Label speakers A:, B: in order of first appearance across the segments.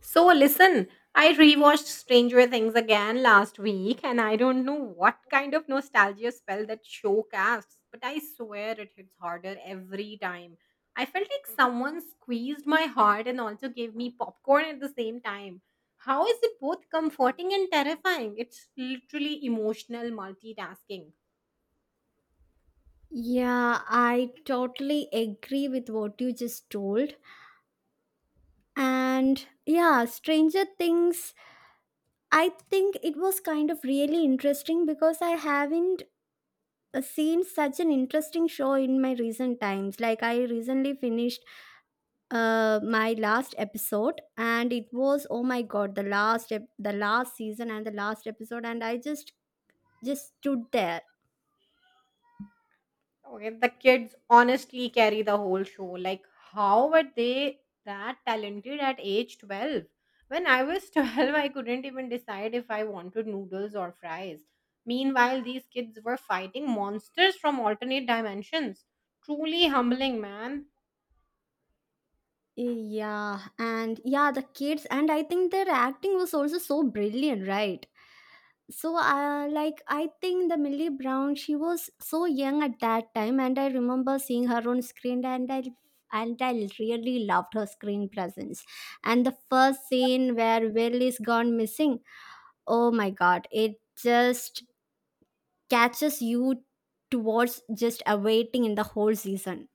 A: So listen, I rewatched Stranger Things again last week and I don't know what kind of nostalgia spell that show casts, but I swear it hits harder every time. I felt like someone squeezed my heart and also gave me popcorn at the same time. How is it both comforting and terrifying? It's literally emotional multitasking.
B: Yeah, I totally agree with what you just told. And yeah, Stranger Things, I think it was kind of really interesting because I haven't seen such an interesting show in my recent times. Like, I recently finished my last episode, and it was oh my god, the last season and the last episode, and I just stood there.
A: Okay, the kids honestly carry the whole show. How were they that talented at age 12? When I was 12, I couldn't even decide if I wanted noodles or fries. Meanwhile, these kids were fighting monsters from alternate dimensions. Truly humbling, man.
B: Yeah, and yeah, the kids, and I think their acting was also so brilliant, right? So like I think the Millie Brown, she was so young at that time, and I remember seeing her on screen and I really loved her screen presence. And the first scene where Will is gone missing, oh my god, it just catches you towards just awaiting in the whole season.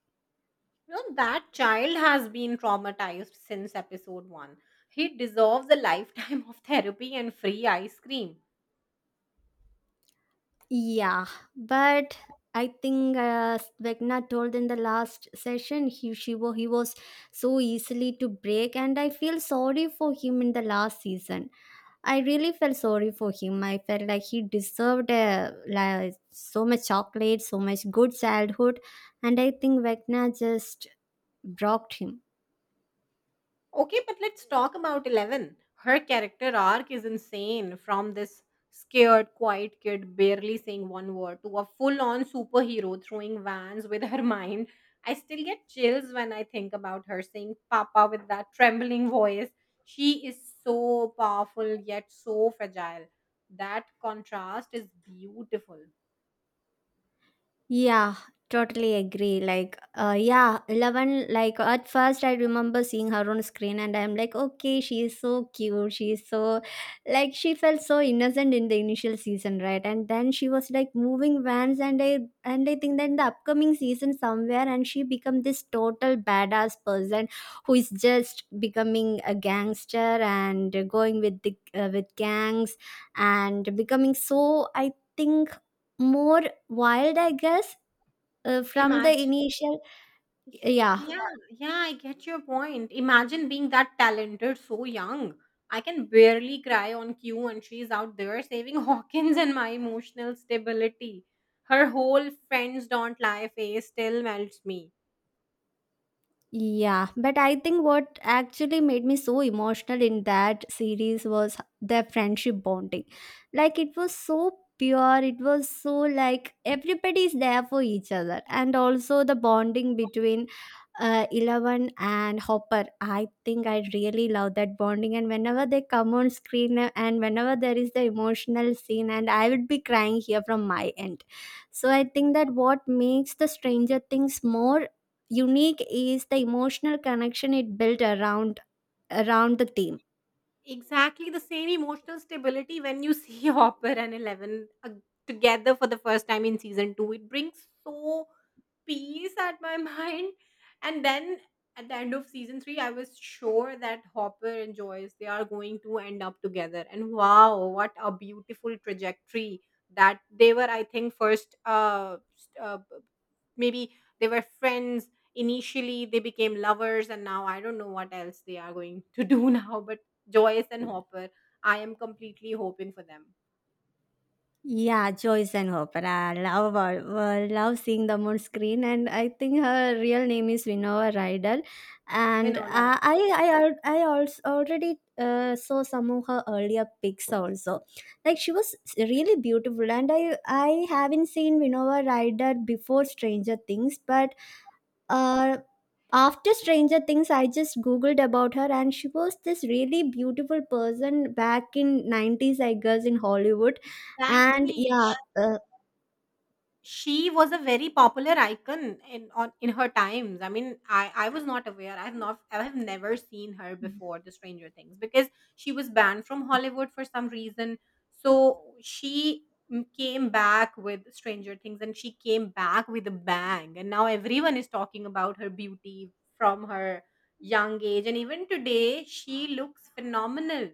A: You know, that child has been traumatized since episode 1. He deserves a lifetime of therapy and free ice cream.
B: Yeah, but I think Vegna told in the last session he was so easily to break, and I feel sorry for him in the last season. I really felt sorry for him. I felt like he deserved like, so much chocolate, so much good childhood, and I think Vegna just broke him.
A: Okay, but let's talk about Eleven. Her character arc is insane, from this scared, quiet kid barely saying one word to a full on superhero throwing vans with her mind. I still get chills when I think about her saying Papa with that trembling voice. She is so powerful yet so fragile. That contrast is beautiful.
B: Yeah, totally agree. Like, yeah, Eleven. Like at first, I remember seeing her on screen, and I'm like, okay, she is so cute. She is so, like, she felt so innocent in the initial season, right? And then she was like moving vans, and I think that in the upcoming season somewhere, and she become this total badass person who is just becoming a gangster and going with the with gangs and becoming so I think more wild, I guess, from the
A: Imagine.
B: initial. Yeah.
A: Yeah, yeah, I get your point. Imagine being that talented so young. I can barely cry on cue, and she's out there saving Hawkins and my emotional stability. Her whole friends don't lie face still melts me.
B: Yeah, but I think what actually made me so emotional in that series was their friendship bonding. Like it was so pure, it was so like everybody is there for each other, and also the bonding between Eleven and Hopper. I think I really love that bonding, and whenever they come on screen, and whenever there is the emotional scene, and I would be crying here from my end. So I think that what makes the Stranger Things more unique is the emotional connection it built around the team.
A: Exactly the same emotional stability when you see Hopper and Eleven together for the first time in season two. It brings so peace at my mind. And then at the end of season three, I was sure that Hopper and Joyce they are going to end up together. And wow, what a beautiful trajectory that they were. I think first maybe they were friends, initially they became lovers and now I don't know what else they are going to do now, but Joyce and Hopper, I am completely hoping for them.
B: Yeah, Joyce and Hopper. I love her. I love seeing them on screen, and I think her real name is Winona Ryder. And
A: Winona,
B: I also already saw some of her earlier pics also. Like she was really beautiful, and I haven't seen Winona Ryder before Stranger Things, but uh, after Stranger Things, I just googled about her, and she was this really beautiful person back in nineties, I guess, in Hollywood. And
A: exactly.
B: yeah, uh.
A: She was a very popular icon in on in her times. I mean, I was not aware. I have never seen her before the Stranger Things because she was banned from Hollywood for some reason. So she came back with Stranger Things and she came back with a bang. And now everyone is talking about her beauty from her young age and even today she looks phenomenal.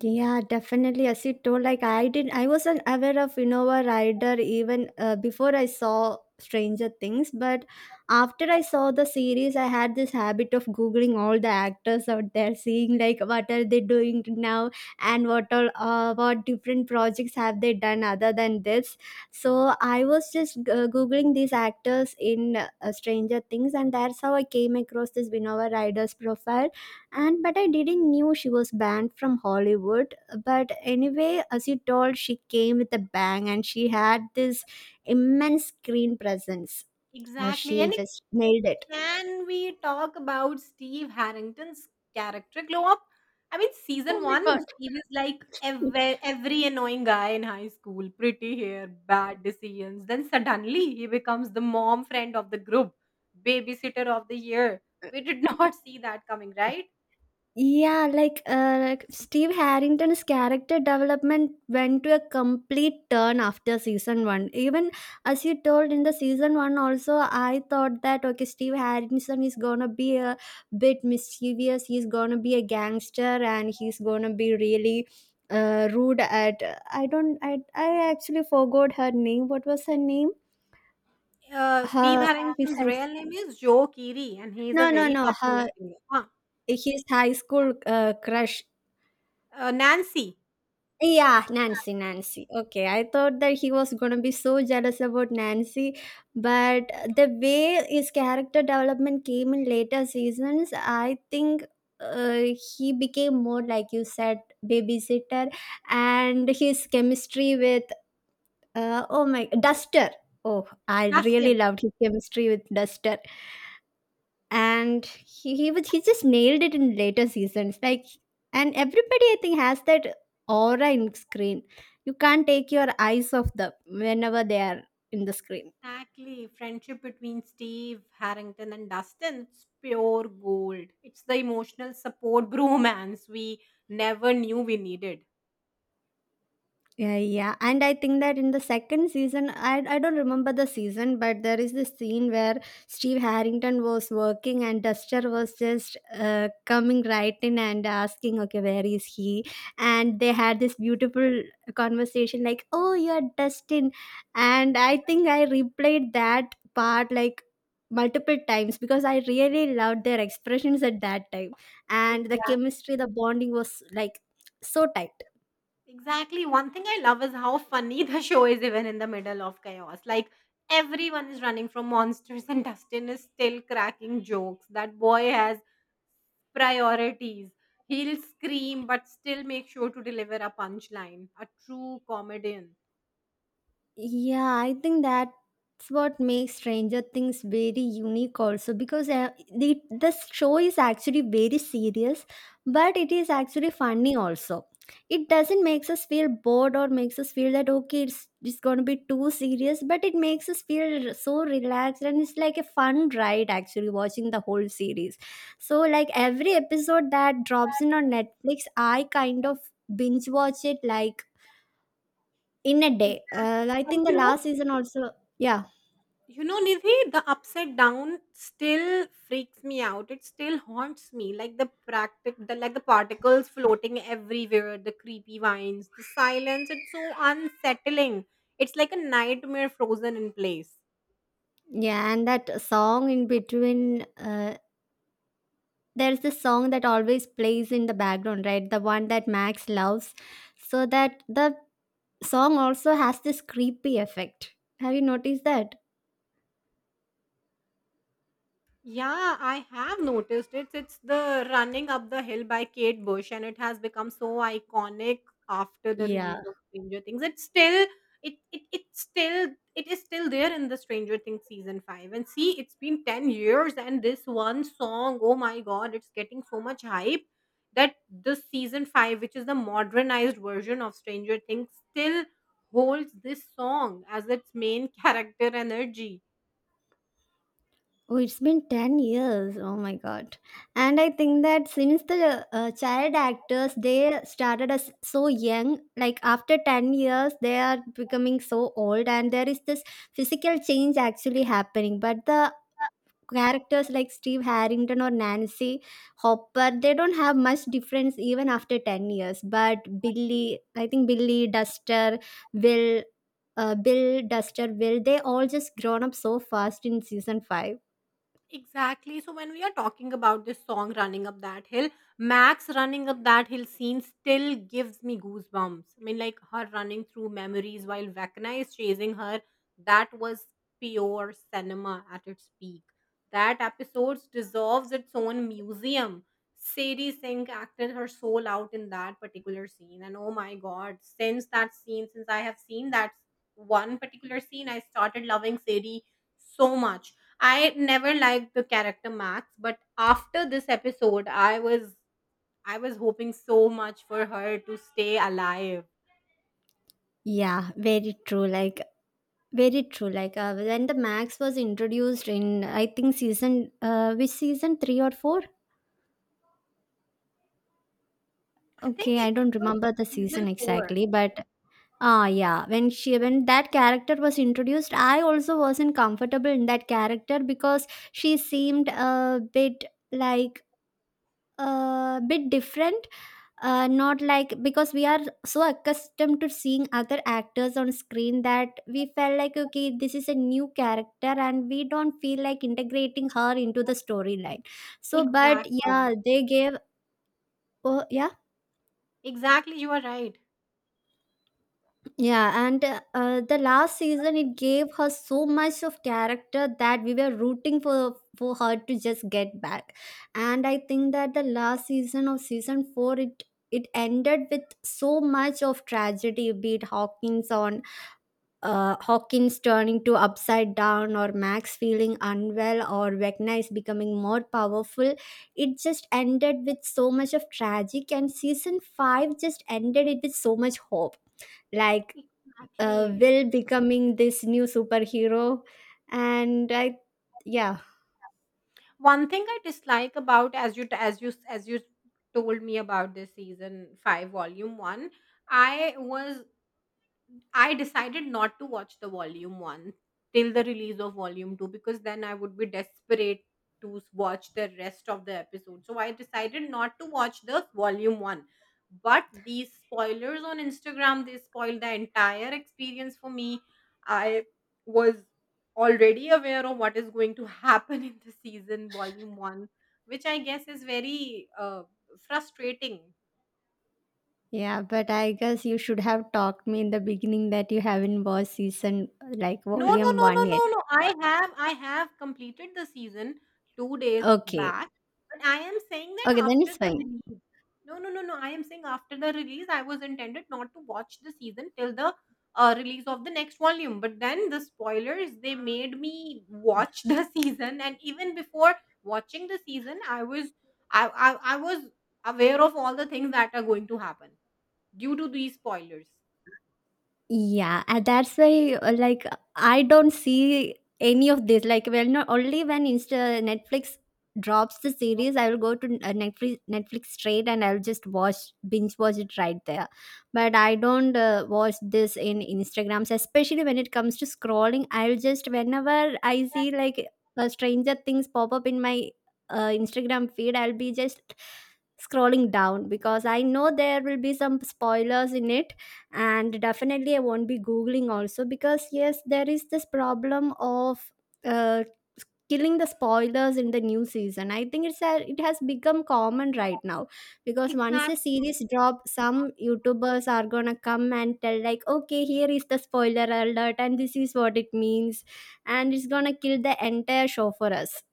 B: Yeah, definitely. As you told, like I wasn't aware of Innova Rider even before I saw Stranger Things. But after I saw the series, I had this habit of googling all the actors out there, seeing like what are they doing now and what all, what different projects have they done other than this. So I was just googling these actors in Stranger Things, and that's how I came across this Innova Rider's profile. And but I didn't knew she was banned from Hollywood, but anyway, as you told, she came with a bang, and she had this immense screen presence. She
A: Exactly. And
B: just nailed it.
A: can we talk about Steve Harrington's character glow up? I mean, season
B: Oh my
A: one,
B: god.
A: he was like every annoying guy in high school, pretty hair, bad decisions. Then suddenly he becomes the mom friend of the group, babysitter of the year. We did not see that coming, right?
B: Yeah, like Steve Harrington's character development went to a complete turn after season one. Even as you told in the season one, also I thought that okay, Steve Harrington is gonna be a bit mischievous. He's gonna be a gangster, and he's gonna be really rude at. I don't. I actually forgot her name. What was her name?
A: Steve
B: Her his
A: Harrington's
B: high.
A: real name is Joe Keery, and he is a
B: No, no,
A: very
B: no.
A: popular
B: Her
A: singer. Huh.
B: his high school crush.
A: Nancy,
B: Yeah, Nancy, Nancy. Okay, I thought that he was gonna be so jealous about Nancy, but the way his character development came in later seasons, I think uh, he became more like you said, babysitter, and his chemistry with oh my Duster. Oh, I really
A: Dustin.
B: loved his chemistry with Duster. And he just nailed it in later seasons, like, and everybody I think has that aura in screen. You can't take your eyes off them whenever they are in the screen.
A: Exactly. Friendship between Steve, Harrington, and Dustin, it's pure gold. It's the emotional support bromance we never knew we needed.
B: Yeah, yeah, and I think that in the second season, I don't remember the season, but there is this scene where Steve Harrington was working and Duster was just coming right in and asking, okay, where is he? And they had this beautiful conversation, like, oh, you're Dustin, and I think I replayed that part like multiple times because I really loved their expressions at that time, and the
A: Exactly.
B: chemistry, the bonding was like so tight.
A: Exactly. One thing I love is how funny the show is even in the middle of chaos. Like everyone is running from monsters and Dustin is still cracking jokes. That boy has priorities. He'll scream but still make sure to deliver a punchline. A true comedian.
B: Yeah, I think that's what makes Stranger Things very unique also, because the show is actually very serious, but it is actually funny also. It doesn't makes us feel bored or makes us feel that okay, it's going to be too serious, but it makes us feel so relaxed, and it's like a fun ride actually watching the whole series. So like every episode that drops in on Netflix, I kind of binge watch it like in a day.
A: Exactly.
B: I
A: And
B: think the
A: you know
B: last season also. Yeah.
A: You know, Nidhi, the upside down still freaks me out. It still haunts me. Like the particles floating everywhere, the creepy vines, the silence. It's so unsettling. It's like a nightmare frozen in place.
B: Yeah. And that song in between. There's this song that always plays in the background, right? The one that Max loves. So that the song also has this creepy effect. Have you noticed that?
A: Yeah, I have noticed it. It's the Running Up the Hill by Kate Bush, and it has become so iconic after the
B: Yeah.
A: release of Stranger Things. It's still it it it's still It is still there in the Stranger Things season five. And see, it's been 10 years, and this one song, oh my god, it's getting so much hype that this season five, which is the modernized version of Stranger Things, still holds this song as its main character energy.
B: Oh, it's been 10 years. Oh my god. And I think that since the child actors, they started as so young. Like after 10 years, they are becoming so old, and there is this physical change actually happening. But the characters like Steve Harrington or Nancy Hopper, they don't have much difference even after 10 years. But Billy, I think Billy, Duster, Will, Bill, Duster, Will, they all just grown up so fast in season 5.
A: Exactly. So when we are talking about this song "Running Up That Hill," Max running up that hill scene still gives me goosebumps. I mean, like her running through memories while Vecna is chasing her. That was pure cinema at its peak. That episode deserves its own museum. Sadie Sink acted her soul out in that particular scene, and oh my god, since that scene, since I have seen that one particular scene, I started loving Sadie so much. I never liked the character Max, but after this episode, I was hoping so much for her to stay alive.
B: Yeah, very true. Like very true. Like when the Max was introduced in, I think season, which season three or four?
A: I think
B: Okay, I
A: it
B: don't
A: was
B: remember the season
A: season four.
B: exactly, but ah, yeah, when she when that character was introduced, I also wasn't comfortable in that character because she seemed a bit like a bit different, not like, because we are so accustomed to seeing other actors on screen that we felt like okay, this is a new character and we don't feel like integrating her into the storyline. So but yeah,
A: Exactly.
B: they gave. Oh yeah.
A: Exactly, you are right.
B: Yeah, and the last season it gave her so much of character that we were rooting for her to just get back. And I think that the last season of season 4, it ended with so much of tragedy, be it Hawkins turning to upside down, or Max feeling unwell, or Vecna is becoming more powerful. It just ended with so much of tragic, and season 5 just ended it with so much hope, like
A: Exactly.
B: Will becoming this new superhero, and I, yeah,
A: One thing I dislike about, as you told me about this season five, volume one, I was I decided not to watch the volume one till the release of volume two because then I would be desperate to watch the rest of the episode. So I decided not to watch the volume one. But these spoilers on Instagram, they spoiled the entire experience for me. I was already aware of what is going to happen in the season volume one, which I guess is very frustrating.
B: yeah, but I guess you should have talked me in the beginning that you haven't watched season like
A: No, no,
B: volume
A: no, no,
B: 1 yet.
A: no, no. I have completed the season 2 days
B: Okay,
A: back, but I am saying that
B: okay, then
A: after
B: it's
A: the
B: fine.
A: release. No, no, no, no. I am saying after the release, I was intended not to watch the season till the release of the next volume. But then the spoilers, they made me watch the season, and even before watching the season, I was I was aware of all the things that are going to happen due to these spoilers.
B: Yeah, and that's why like I don't see any of this. Like, well, not only when Insta Netflix drops the series, I will go to Netflix straight, and I'll just watch binge watch it right there. But I don't watch this in Instagrams, especially when it comes to scrolling. I'll just whenever I see like a Stranger Things pop up in my Instagram feed, I'll be just scrolling down because I know there will be some spoilers in it. And definitely I won't be googling also, because yes, there is this problem of uh, killing the spoilers in the new season. I think it has become common right now, because once a
A: Exactly.
B: series drop, some youtubers are gonna come and tell like okay, here is the spoiler alert and this is what it means, and it's gonna kill the entire show for us.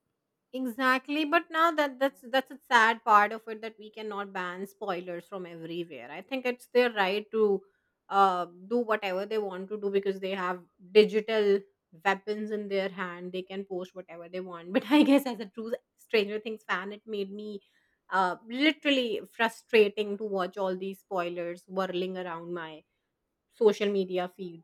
A: Exactly, but now that's a sad part of it, that we cannot ban spoilers from everywhere. I think it's their right to do whatever they want to do because they have digital weapons in their hand. They can post whatever they want. But I guess as a true Stranger Things fan, it made me literally frustrating to watch all these spoilers whirling around my social media feed.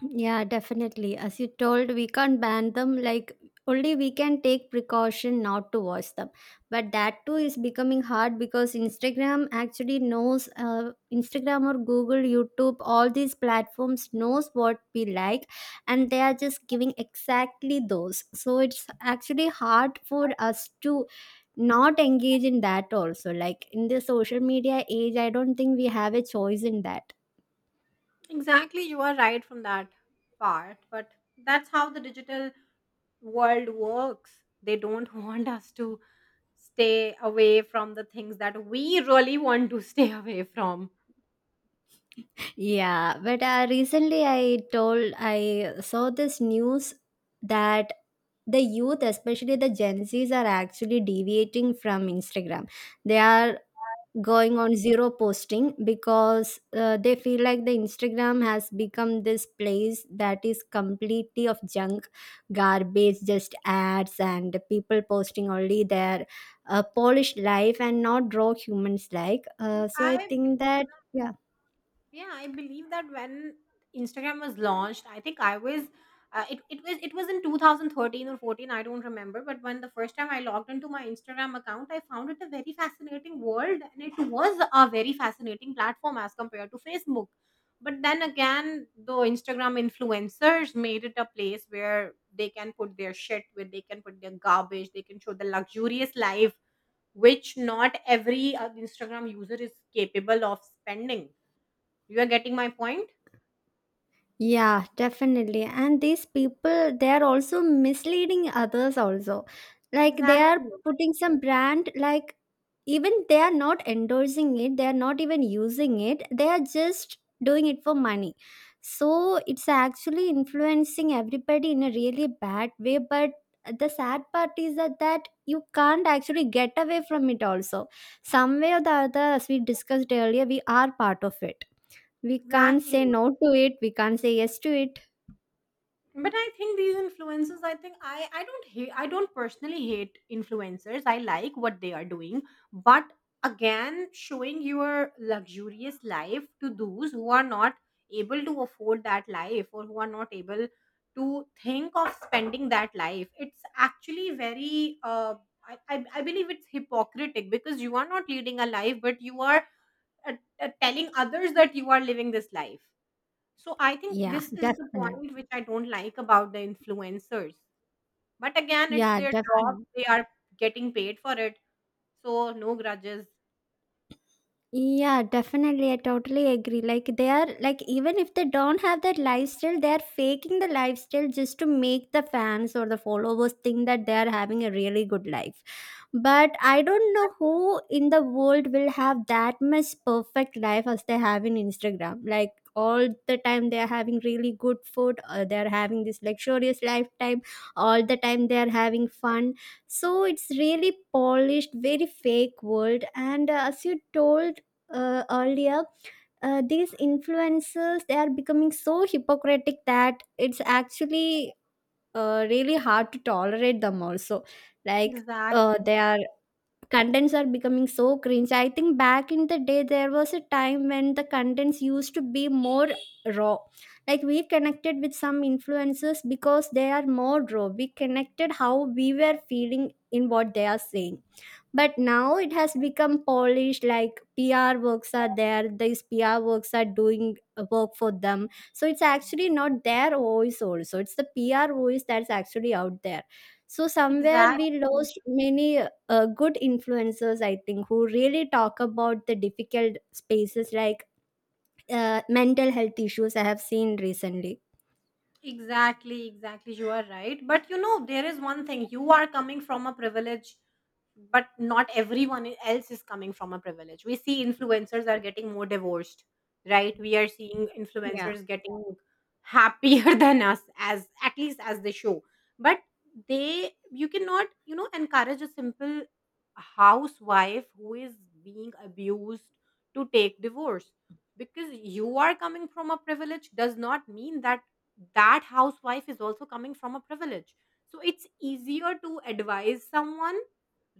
B: Yeah, definitely. As you told, we can't ban them. Like, only we can take precaution not to watch them. But that too is becoming hard because Instagram actually knows, Instagram or Google, YouTube, all these platforms knows what we like, and they are just giving exactly those. So it's actually hard for us to not engage in that also. Like in the social media age, I don't think we have a choice in that.
A: Exactly, you are right from that part, but that's how the digital world works. They don't want us to stay away from the things that we really want to stay away from.
B: Yeah, but recently I saw this news that the youth, especially the Gen Zs, are actually deviating from Instagram. They are going on zero posting because they feel like the Instagram has become this place that is completely of junk, garbage, just ads, and people posting only their polished life and not raw humans like. So I
A: I
B: think
A: believe
B: that. yeah,
A: Yeah, I believe that when Instagram was launched, I think I was it, it was in 2013 or 14, I don't remember, but when the first time I logged into my Instagram account, I found it a very fascinating world and it was a very fascinating platform as compared to Facebook. But then again, the Instagram influencers made it a place where they can put their shit, where they can put their garbage, they can show the luxurious life which not every Instagram user is capable of spending. You are getting my point?
B: Yeah, definitely. And these people, they are also misleading others also. Like they are
A: Exactly.
B: putting some brand, like even they are not endorsing it, they are not even using it, they are just doing it for money. So it's actually influencing everybody in a really bad way. But the sad part is that you can't actually get away from it also. Some way or the other, as we discussed earlier, we are part of it, we can't
A: Exactly.
B: say no to it. We can't say yes to it.
A: But I think these influencers, I think I don't hate, I don't personally hate influencers. I like what they are doing. But again, showing your luxurious life to those who are not able to afford that life or who are not able to think of spending that life, it's actually very, I believe it's hypocritic because you are not leading a life, but you are uh, telling others that you are living this life. So I think
B: Yeah,
A: this is the
B: definitely.
A: point which I don't like about the influencers. But again, it's
B: Yeah,
A: their job.
B: definitely.
A: They are getting paid for it. So no grudges.
B: Yeah, definitely, I totally agree. Like they are like, even if they don't have that lifestyle, they are faking the lifestyle just to make the fans or the followers think that they are having a really good life. But I don't know who in the world will have that much perfect life as they have in Instagram. Like all the time they are having really good food, or they are having this luxurious lifetime, all the time they are having fun. So it's really polished, very fake world, and as you told earlier, these influencers, they are becoming so hypocritic that it's actually really hard to tolerate them also, like
A: Exactly.
B: their contents are becoming so cringe. I think back in the day there was a time when the contents used to be more raw, like we connected with some influencers because they are more raw. We connected how we were feeling in what they are saying, but now it has become polished. Like PR works are there, these PR works are doing work for them, so it's actually not their voice also, it's the PR voice that's actually out there. So somewhere
A: Exactly.
B: we lost many good influencers, I think, who really talk about the difficult spaces, like mental health issues I have seen recently.
A: Exactly, exactly. You are right. But you know, there is one thing. You are coming from a privilege, but not everyone else is coming from a privilege. We see influencers are getting more divorced, right? We are seeing
B: Yeah
A: influencers getting happier than us, as at least as they show. But they you cannot, you know, encourage a simple housewife who is being abused to take divorce, because you are coming from a privilege does not mean that that housewife is also coming from a privilege. So it's easier to advise someone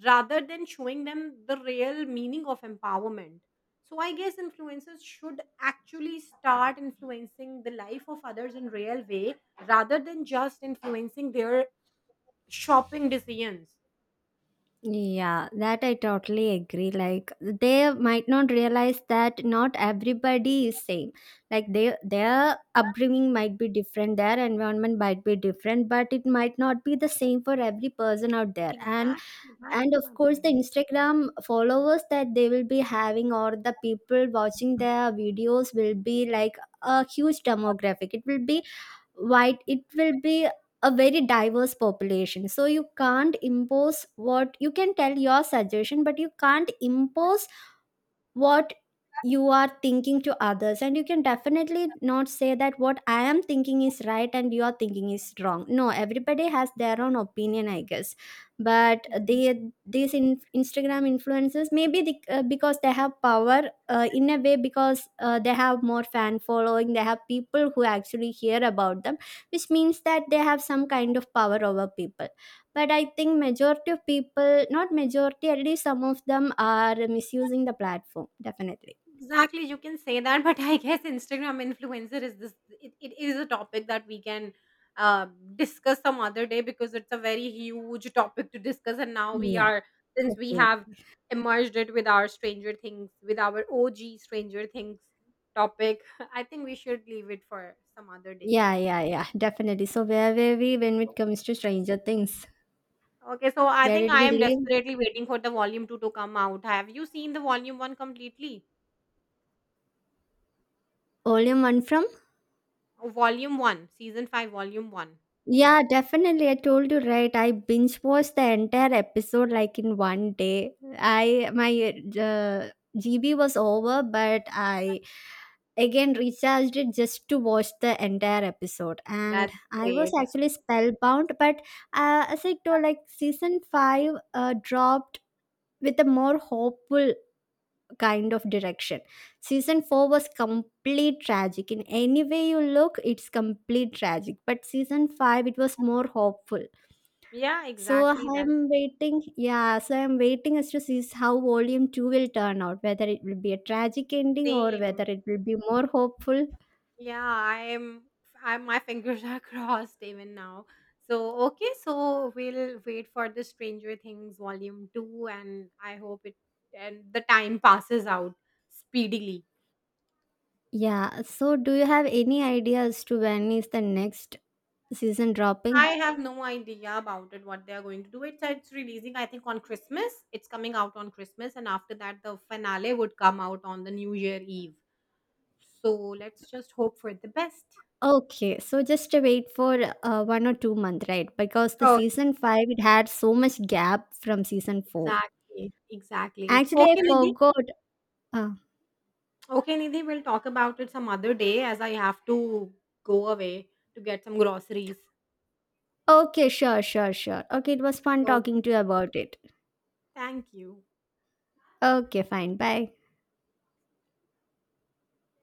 A: rather than showing them the real meaning of empowerment. So I guess influencers should actually start influencing the life of others in real way rather than just influencing their shopping decisions.
B: Yeah, that I totally agree. Like they might not realize that not everybody is same. Like they, their upbringing might be different, their environment might be different, but it might not be the same for every person out there.
A: Exactly. That's
B: And of
A: my
B: course the
A: point.
B: Instagram followers that they will be having or the people watching their videos will be like a huge demographic. It will be white, it will be a very diverse population. So you can't impose, what you can tell your suggestion, but you can't impose what you are thinking to others, and you can definitely not say that what I am thinking is right and your thinking is wrong. No, everybody has their own opinion, I guess. But they, these Instagram influencers, maybe because they have power in a way, because they have more fan following, they have people who actually hear about them, which means that they have some kind of power over people. But I think majority of people, not majority, at least some of them are misusing the platform, definitely.
A: Exactly, you can say that, but I guess Instagram influencer is this. It is a topic that we can uh, discuss some other day because it's a very huge topic to discuss. And now we
B: Yeah
A: are, since we
B: okay
A: have emerged it with our Stranger Things, with our OG Stranger Things topic. I think we should leave it for some other day.
B: yeah yeah yeah, definitely. So where were we when it comes to Stranger Things?
A: Okay, so I
B: Where
A: think
B: did
A: I
B: we
A: am
B: leave
A: desperately waiting for the volume two to come out. Have you seen the volume one completely?
B: volume one from?
A: Oh, Volume one, season five, volume one.
B: Yeah, definitely. I told you, right? I binge watched the entire episode like in 1 day. I, my uh, GB was over, but I again recharged it just to watch the entire episode. And
A: That's
B: I was
A: great.
B: actually spellbound. But as I told, like season five dropped with a more hopeful kind of direction. Season 4 was complete tragic. In any way you look, it's complete tragic. But season 5, it was more hopeful.
A: Yeah,
B: So
A: exactly that
B: I'm waiting. Yeah, so I'm waiting as to see how volume 2 will turn out, whether it will be a tragic ending or whether
A: same.
B: it will be more hopeful.
A: Yeah, I'm my fingers are crossed even now. So, okay, so we'll wait for the Stranger Things volume 2 and I hope it and the time passes out speedily.
B: Yeah, so do you have any idea as to when is the next season dropping?
A: I have no idea about it what they are going to do. It's releasing I think on Christmas. It's coming out on Christmas and after that the finale would come out on the New Year Eve. So, let's just hope for the best.
B: Okay, so just to wait for 1 or 2 month, right? Because the
A: Oh,
B: season five it had so much gap from season four.
A: exactly. Exactly.
B: Actually, I
A: Okay, Nidhi,
B: forgot. Uh,
A: Okay, Nidhi, we'll talk about it some other day as I have to go away to get some groceries.
B: okay, sure, sure, sure. Okay, it was fun
A: So,
B: talking to you about it.
A: thank you.
B: Okay, fine. Bye.